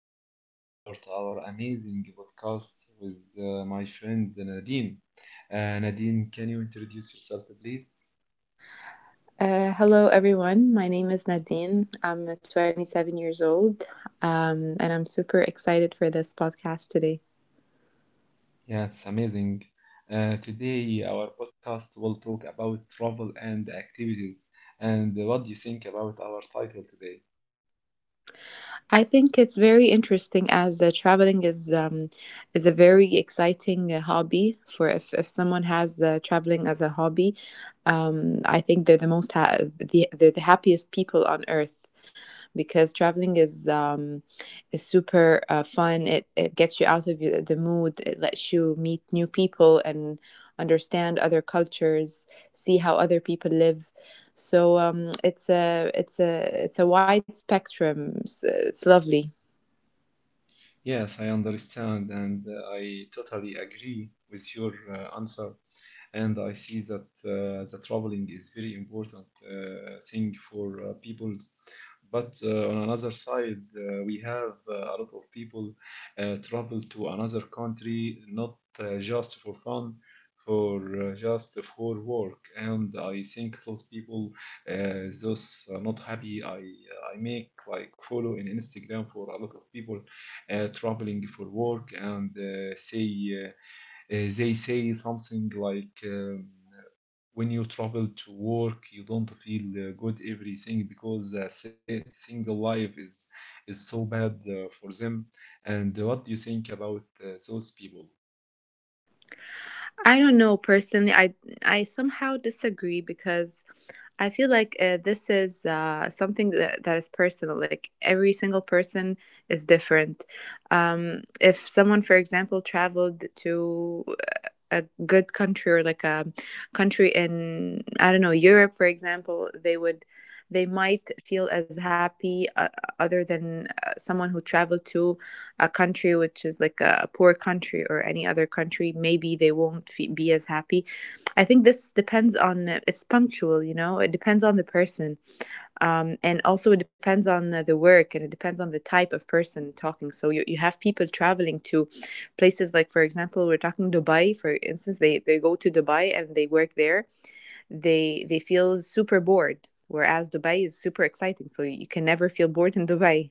uh, we're gonna start our amazing podcast with my friend Nadine. Nadine, can you introduce yourself, please? Hello, everyone. My name is Nadine. I'm 27 years old, and I'm super excited for this podcast today. Yeah, it's amazing. Today our podcast will talk about travel and activities. And what do you think about our title today? I think it's very interesting as traveling is a very exciting hobby for if someone has traveling as a hobby. I think they're the most ha- the, they're the happiest people on earth because traveling is super fun. It gets you out of the mood. It lets you meet new people and understand other cultures, see how other people live. So, it's a wide spectrum. It's lovely. Yes, I understand, and I totally agree with your answer. And I see that the traveling is very important thing for people. But on another side, we have a lot of people travel to another country not just for fun, for just for work. And I think those people, uh, those are not happy, I make like follow in Instagram for a lot of people traveling for work and say. uh, they say something like when you travel to work you don't feel good everything because single life is so bad for them and what do you think about those people? I don't know personally. I somehow disagree because I feel like this is something that is personal. Like every single person is different. If someone, for example, traveled to a good country, or like a country in, I don't know, Europe, for example, they might feel as happy other than someone who traveled to a country which is like a poor country, or any other country. Maybe they won't fe be as happy. I think this depends on, it's punctual, it depends on the person. And also it depends on the work, and it depends on the type of person talking. So you have people traveling to places, like for example we're talking Dubai, for instance, they go to Dubai and they work there. They feel super bored, whereas Dubai is super exciting, so you can never feel bored in Dubai.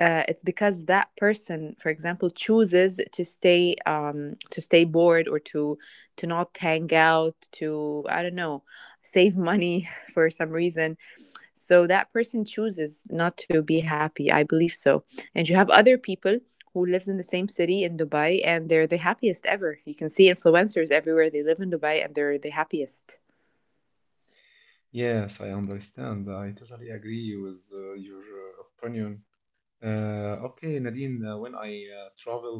It's because that person, for example, chooses to stay bored, or to not hang out, to, I don't know, save money for some reason. So that person chooses not to be happy. I believe so. And you have other people who lives in the same city in Dubai, and they're the happiest ever. You can see influencers everywhere. They live in Dubai and they're the happiest. Yes, I understand, I totally agree with your opinion. Okay, Nadine, when I travel,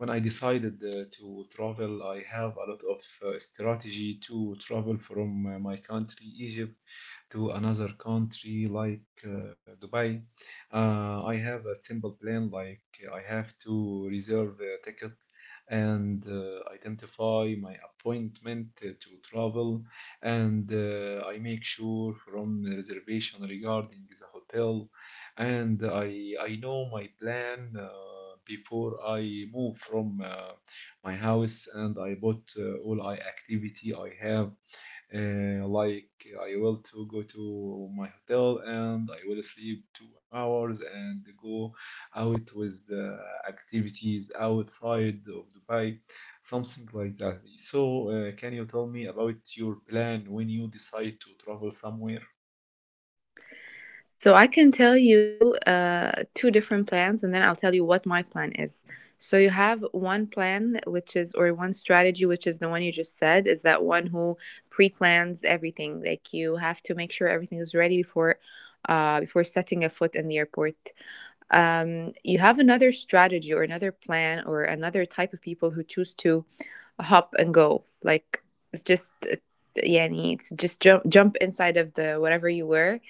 when I decided to travel, I have a lot of strategy to travel from my country, Egypt, to another country like Dubai. I have a simple plan, like I have to reserve a ticket and identify my appointment to travel, and I make sure from the reservation regarding the hotel and I know my plan before I move from my house and I bought all I activity I have , like I will to go to my hotel and I will sleep 2 hours and go out with activities outside of Dubai, something like that. So can you tell me about your plan when you decide to travel somewhere? So I can tell you two different plans, and then I'll tell you what my plan is. So you have one plan which is, or one strategy, which is the one you just said, is that one who pre-plans everything. Like you have to make sure everything is ready before, before setting a foot in the airport. You have another strategy, or another plan, or another type of people, who choose to hop and go. Like it's just, uh, yeah, it's just jump, inside of the whatever you were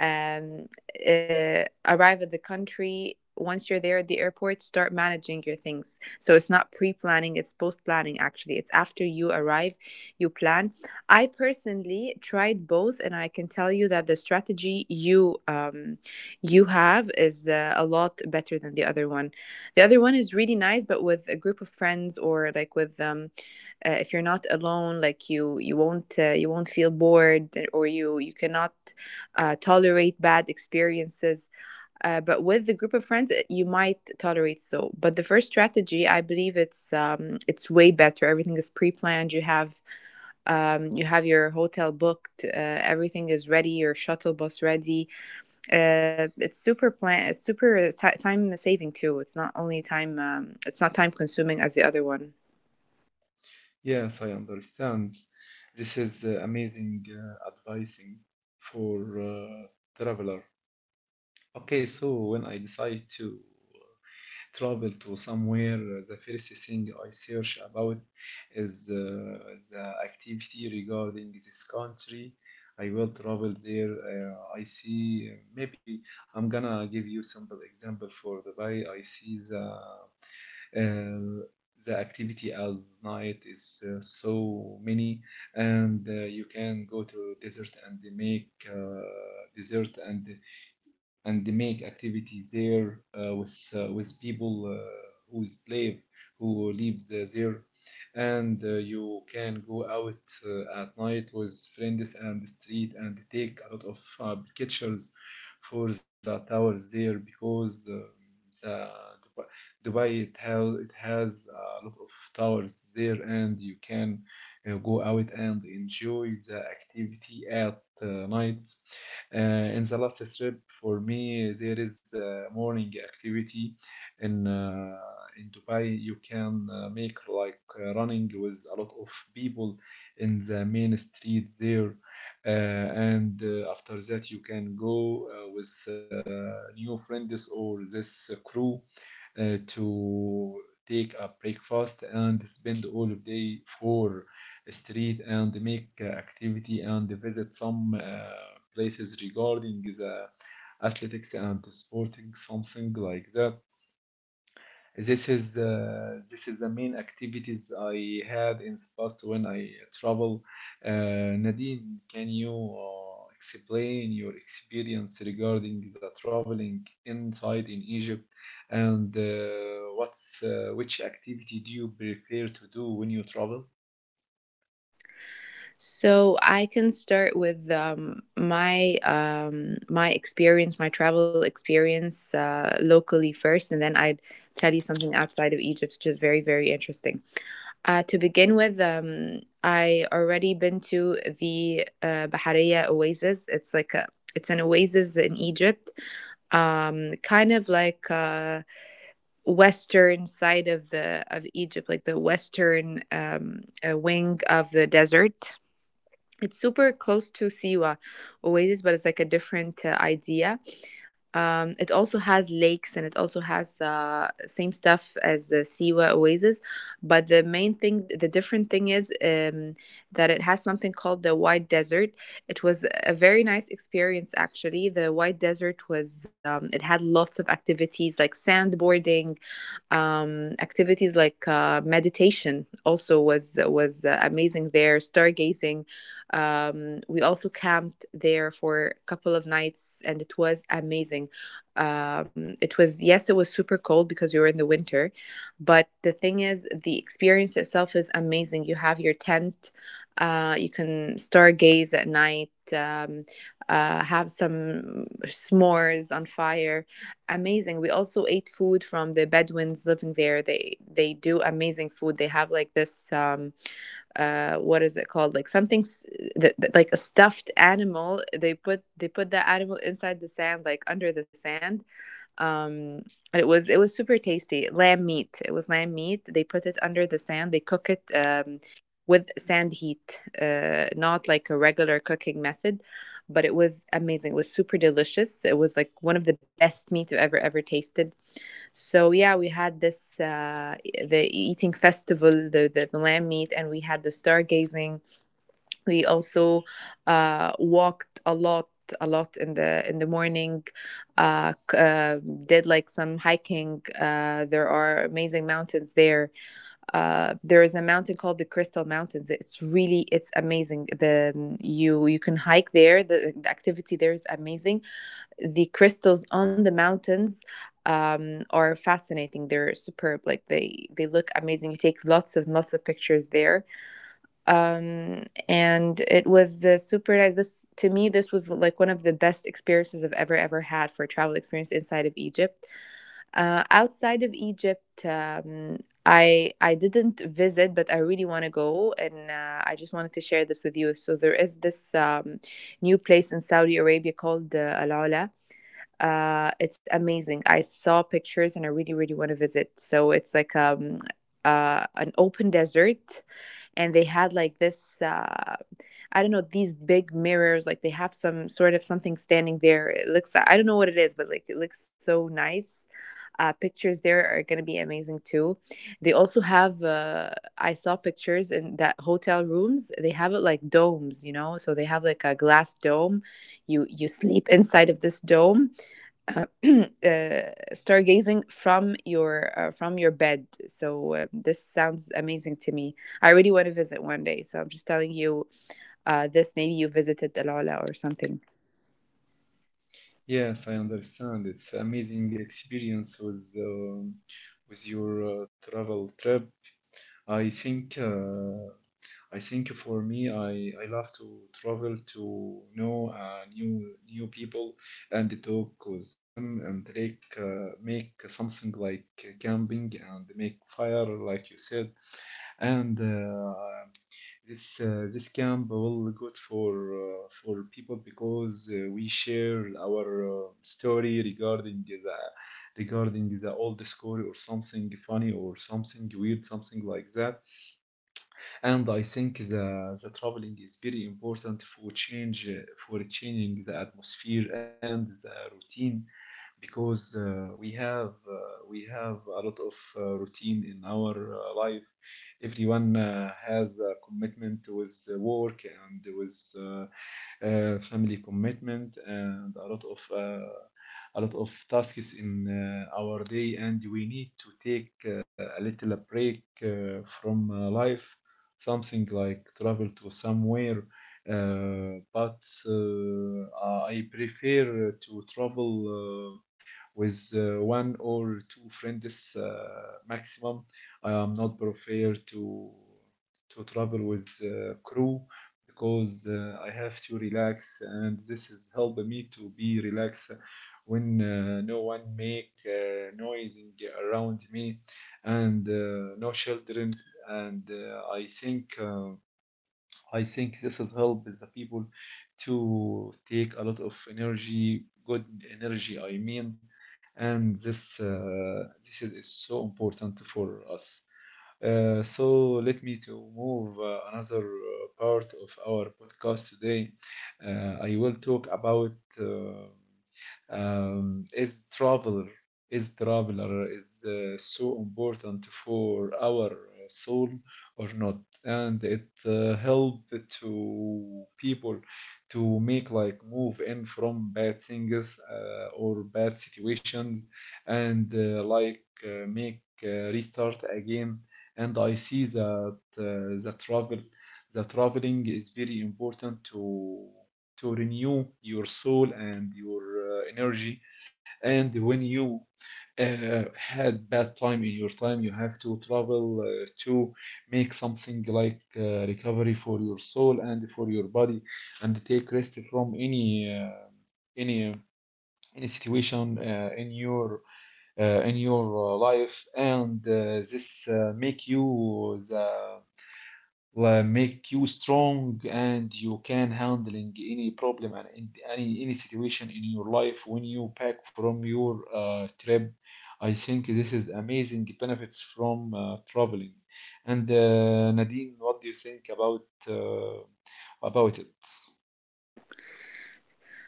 um, Arrive at the country. Once you're there at the airport, start managing your things. So it's not pre planning, it's post planning actually. It's after you arrive, you plan. I personally tried both, and I can tell you that the strategy you have is a lot better than the other one. The other one is really nice, but with a group of friends, or like with if you're not alone, like you won't feel bored, or you cannot tolerate bad experiences. But with a group of friends, you might tolerate so. But the first strategy, I believe it's way better. Everything is pre-planned. You have your hotel booked. Everything is ready. Your shuttle bus ready. It's super plan. It's super time saving too. It's not only time. It's not time consuming as the other one. Yes, I understand. This is amazing advising for traveler. Okay, so when I decide to travel to somewhere, the first thing I search about is the activity regarding this country. I will travel there. I see. Maybe I'm gonna give you simple example for Dubai. I see uh, the activity as night is so many, and you can go to desert and make desert, and and they make activities there with people who is live who lives there and you can go out at night with friends and the street and take a lot of pictures for the towers there because the Dubai, Dubai it has a lot of towers there and you can go out and enjoy the activity at night. In the last trip for me, there is morning activity in uh, in Dubai. You can make like running with a lot of people in the main street there, and after that you can go with new friends or this crew to take a breakfast and spend all of day for street and make activity and visit some places regarding the athletics and sporting, something like that. This is the main activities I had in the past when I travel. Nadine, can you explain your experience regarding the traveling inside in Egypt and what's which activity do you prefer to do when you travel? So I can start with my experience, my travel experience locally first, and then I'd tell you something outside of Egypt, which is very, very interesting. To begin with, I already been to the Bahariya Oasis. It's like a it's an oasis in Egypt, kind of like western side of the of Egypt, like the western wing of the desert. It's super close to Siwa Oasis, but it's like a different idea. It also has lakes, and it also has same stuff as Siwa Oasis, but the main thing, the different thing is that it has something called the White Desert. It was a very nice experience actually. The White Desert was it had lots of activities like sandboarding, activities like meditation also was amazing there, stargazing. We also camped there for a couple of nights, and it was amazing. It was, yes, it was super cold because we were in the winter. But the thing is, the experience itself is amazing. You have your tent. You can stargaze at night, have some s'mores on fire. Amazing. We also ate food from the Bedouins living there. They do amazing food. They have like this, what is it called? Like something like a stuffed animal. They put the animal inside the sand, like under the sand, um, and it was super tasty. Lamb meat. It was lamb meat. They put it under the sand. They cook it with sand heat, not like a regular cooking method. But it was amazing. It was super delicious. It was like one of the best meat I've ever, ever tasted. So yeah, we had this the eating festival, the lamb meat, and we had the stargazing. We also walked a lot, a lot in the morning. uh, c- uh did like some hiking. There are amazing mountains there. There is a mountain called the Crystal Mountains. It's amazing. The You can hike there. The activity there is amazing. The crystals on the mountains are fascinating. They're superb, like they look amazing. You take lots of, lots of pictures there. And it was super nice. This, to me, this was like one of the best experiences I've ever, ever had for a travel experience inside of Egypt. Outside of Egypt, I didn't visit, but I really want to go, and I just wanted to share this with you. So there is this, new place in Saudi Arabia called Al Ula. It's amazing. I saw pictures, and I really, really want to visit. So it's like, an open desert, and they had like this, I don't know, these big mirrors, like they have some sort of something standing there. It looks, I don't know what it is, but like it looks so nice. Pictures there are going to be amazing too. They also have. I saw pictures in that hotel rooms. They have it like domes. So they have like a glass dome. You sleep inside of this dome, stargazing from your bed. So, this sounds amazing to me. I really want to visit one day. So I'm just telling you this. Maybe you visited Dalala or something. Yes, I understand. It's amazing experience with your travel trip. I think uh, I think for me, I love to travel to know new new people and talk with them and like make something like camping and make fire like you said. And this camp will good for people because we share our story regarding the old story or something funny or something weird, something like that. And I think the traveling is very important for change, for changing the atmosphere and the routine, because we have a lot of routine in our life. Everyone has a commitment with work and with family commitment and a lot of tasks in our day, and we need to take a little break from life, something like travel to somewhere. But I prefer to travel with one or two friends maximum. I am not prefer to travel with crew because I have to relax, and this is helping me to be relaxed when no one make noising around me, and no children. And I think this has helped the people to take a lot of energy, good energy I mean, and this is so important for us. So let me to move another part of our podcast today. I will talk about uh, um, is travel is traveler is so important for our soul or not? And it help to people to make like move in from bad things or bad situations and make restart again. And I see that the travel the traveling is very important to renew your soul and your energy. And when you had bad time in your time, you have to travel to make something like recovery for your soul and for your body, and take rest from any uh, any situation in your life. And this make you the La make you strong, and you can handling any problem and in any situation in your life when you pack from your trip. I think this is amazing benefits from traveling. And Nadine, what do you think about it?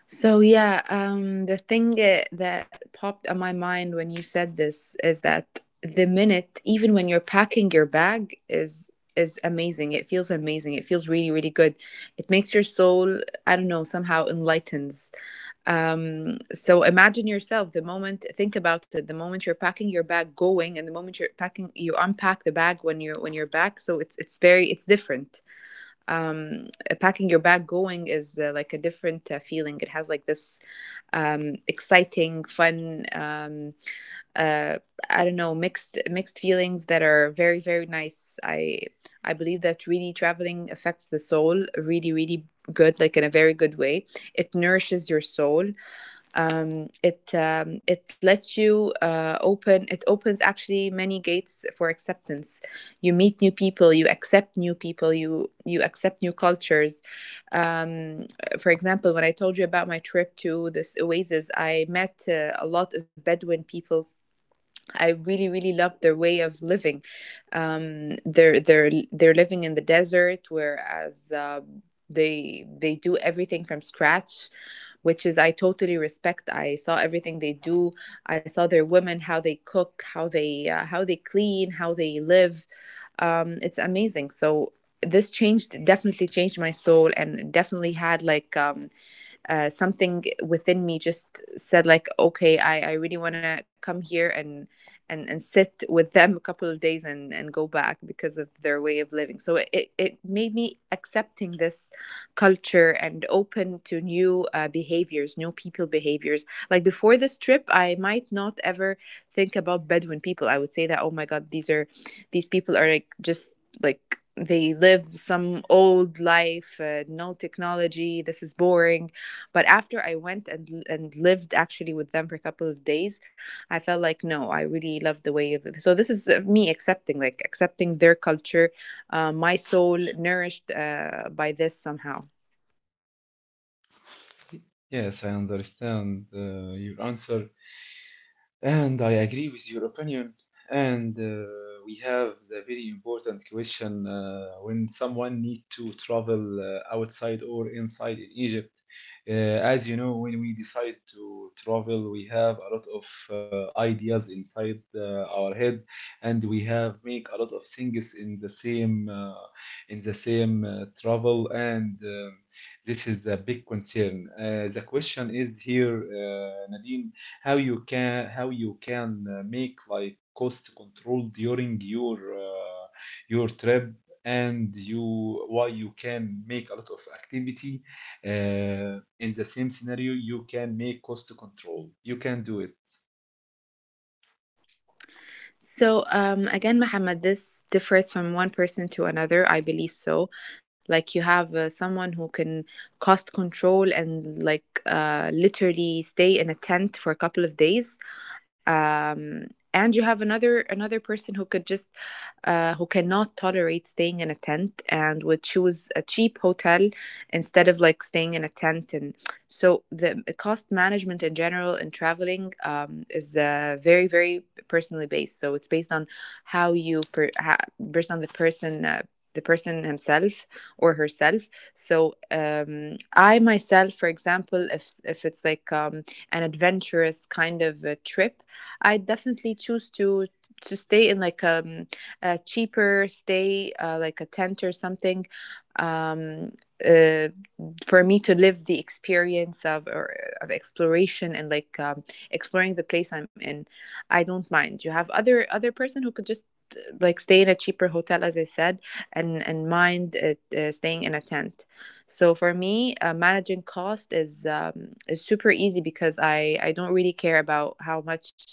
So yeah, the thing that popped on my mind when you said this is that the minute, even when you're packing your bag, is amazing. It feels amazing. It feels really, really good. It makes your soul, I don't know, somehow enlightens. So imagine yourself the moment, think about it, the moment you're packing your bag going, and the moment you're packing, you unpack the bag when you're back. So it's very, it's different. Packing your bag going is, like a different feeling. It has like this, exciting, fun, uh, I don't know, mixed, mixed feelings that are very, very nice. I believe that really traveling affects the soul really, really good, like in a very good way. It nourishes your soul. It lets you open it. Opens actually many gates for acceptance. You meet new people, you accept new people, you accept new cultures. um, for example, when I told you about my trip to this oasis, I met a lot of Bedouin people. I really, really loved their way of living. They're living in the desert, whereas they do everything from scratch, which is I totally respect. I saw everything they do. I saw their women, how they cook, how they clean, how they live. It's amazing. So this changed, definitely changed my soul, and definitely had like, something within me just said, like, okay, I really want to come here, and sit with them a couple of days, and go back because of their way of living. So made me accepting this culture, and open to new behaviors, new people behaviors. Like before this trip, I might not ever think about Bedouin people. I would say that, oh my god, these people are like just, like, they live some old life, no technology, this is boring. But after I went and lived actually with them for a couple of days, I felt like, no, I really love the way of it. So this is me accepting, like, accepting their culture. My soul nourished by this somehow. Yes, I understand your answer. And I agree with your opinion. And we have the very important question when someone need to travel outside or inside in Egypt. As you know, when we decide to travel, we have a lot of ideas inside our head, and we have make a lot of things in the same travel, and this is a big concern. The question is here, Nadine: how you can make like cost control during your trip, and you why you can make a lot of activity in the same scenario you can make cost control you can do it? So, again, Muhammad, this differs from one person to another, I believe so. Like you have someone who can cost control and, like, literally stay in a tent for a couple of days, um, and you have another person who could just who cannot tolerate staying in a tent, and would choose a cheap hotel instead of like staying in a tent. And so the cost management in general in traveling is very, very personally based. So it's based on how based on the person. The person himself or herself. So, I myself, for example, if it's like, an adventurous kind of a trip, I definitely choose to stay in like a, cheaper stay, like a tent or something. um, uh, for me to live the experience of, of exploration, and like, exploring the place I'm in, I don't mind. You have other person who could just like stay in a cheaper hotel, as I said, and mind staying in a tent. So for me, managing cost is super easy because I don't really care about how much,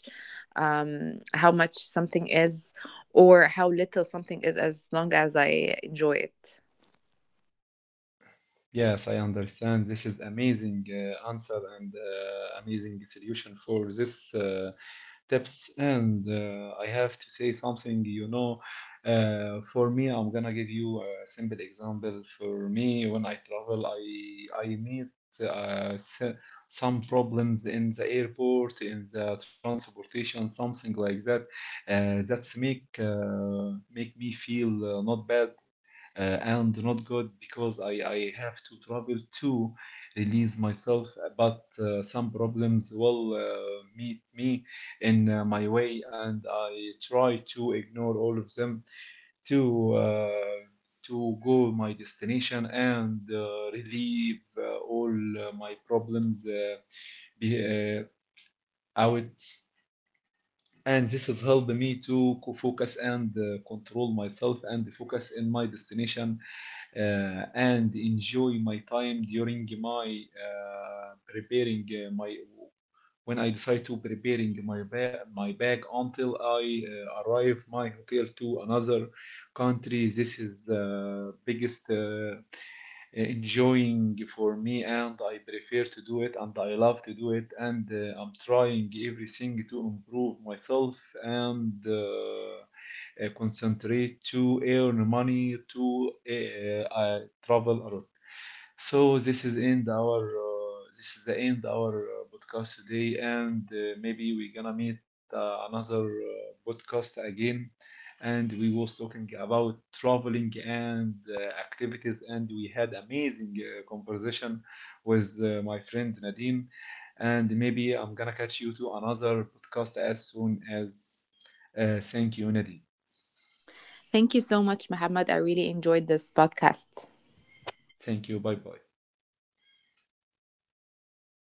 how much something is, or how little something is, as long as I enjoy it. Yes, I understand, this is amazing answer and amazing solution for this tips. And I have to say something, you know, for me I'm gonna give you a simple example. For me, when I travel, I meet uh, s- some problems in the airport, in the transportation, something like that. That's make make me feel not bad and not good, because I have to travel to release myself. But some problems will meet me in my way, and I try to ignore all of them to uh, to go my destination and relieve all my problems be, uh, out. And this has helped me to focus and control myself and focus in my destination and enjoy my time during my preparing my when I decide to preparing my bag until I arrive my hotel to another country. This is biggest enjoying for me, and I prefer to do it and I love to do it. And I'm trying everything to improve myself and concentrate to earn money to travel around. So this is end our this is the end our podcast today, and maybe we're gonna meet another podcast again, and we was talking about traveling and activities, and we had amazing conversation with my friend Nadine, and maybe I'm gonna catch you to another podcast as soon as. Thank you, Nadine. Thank you so much, Muhammad. I really enjoyed this podcast. Thank you. Bye bye.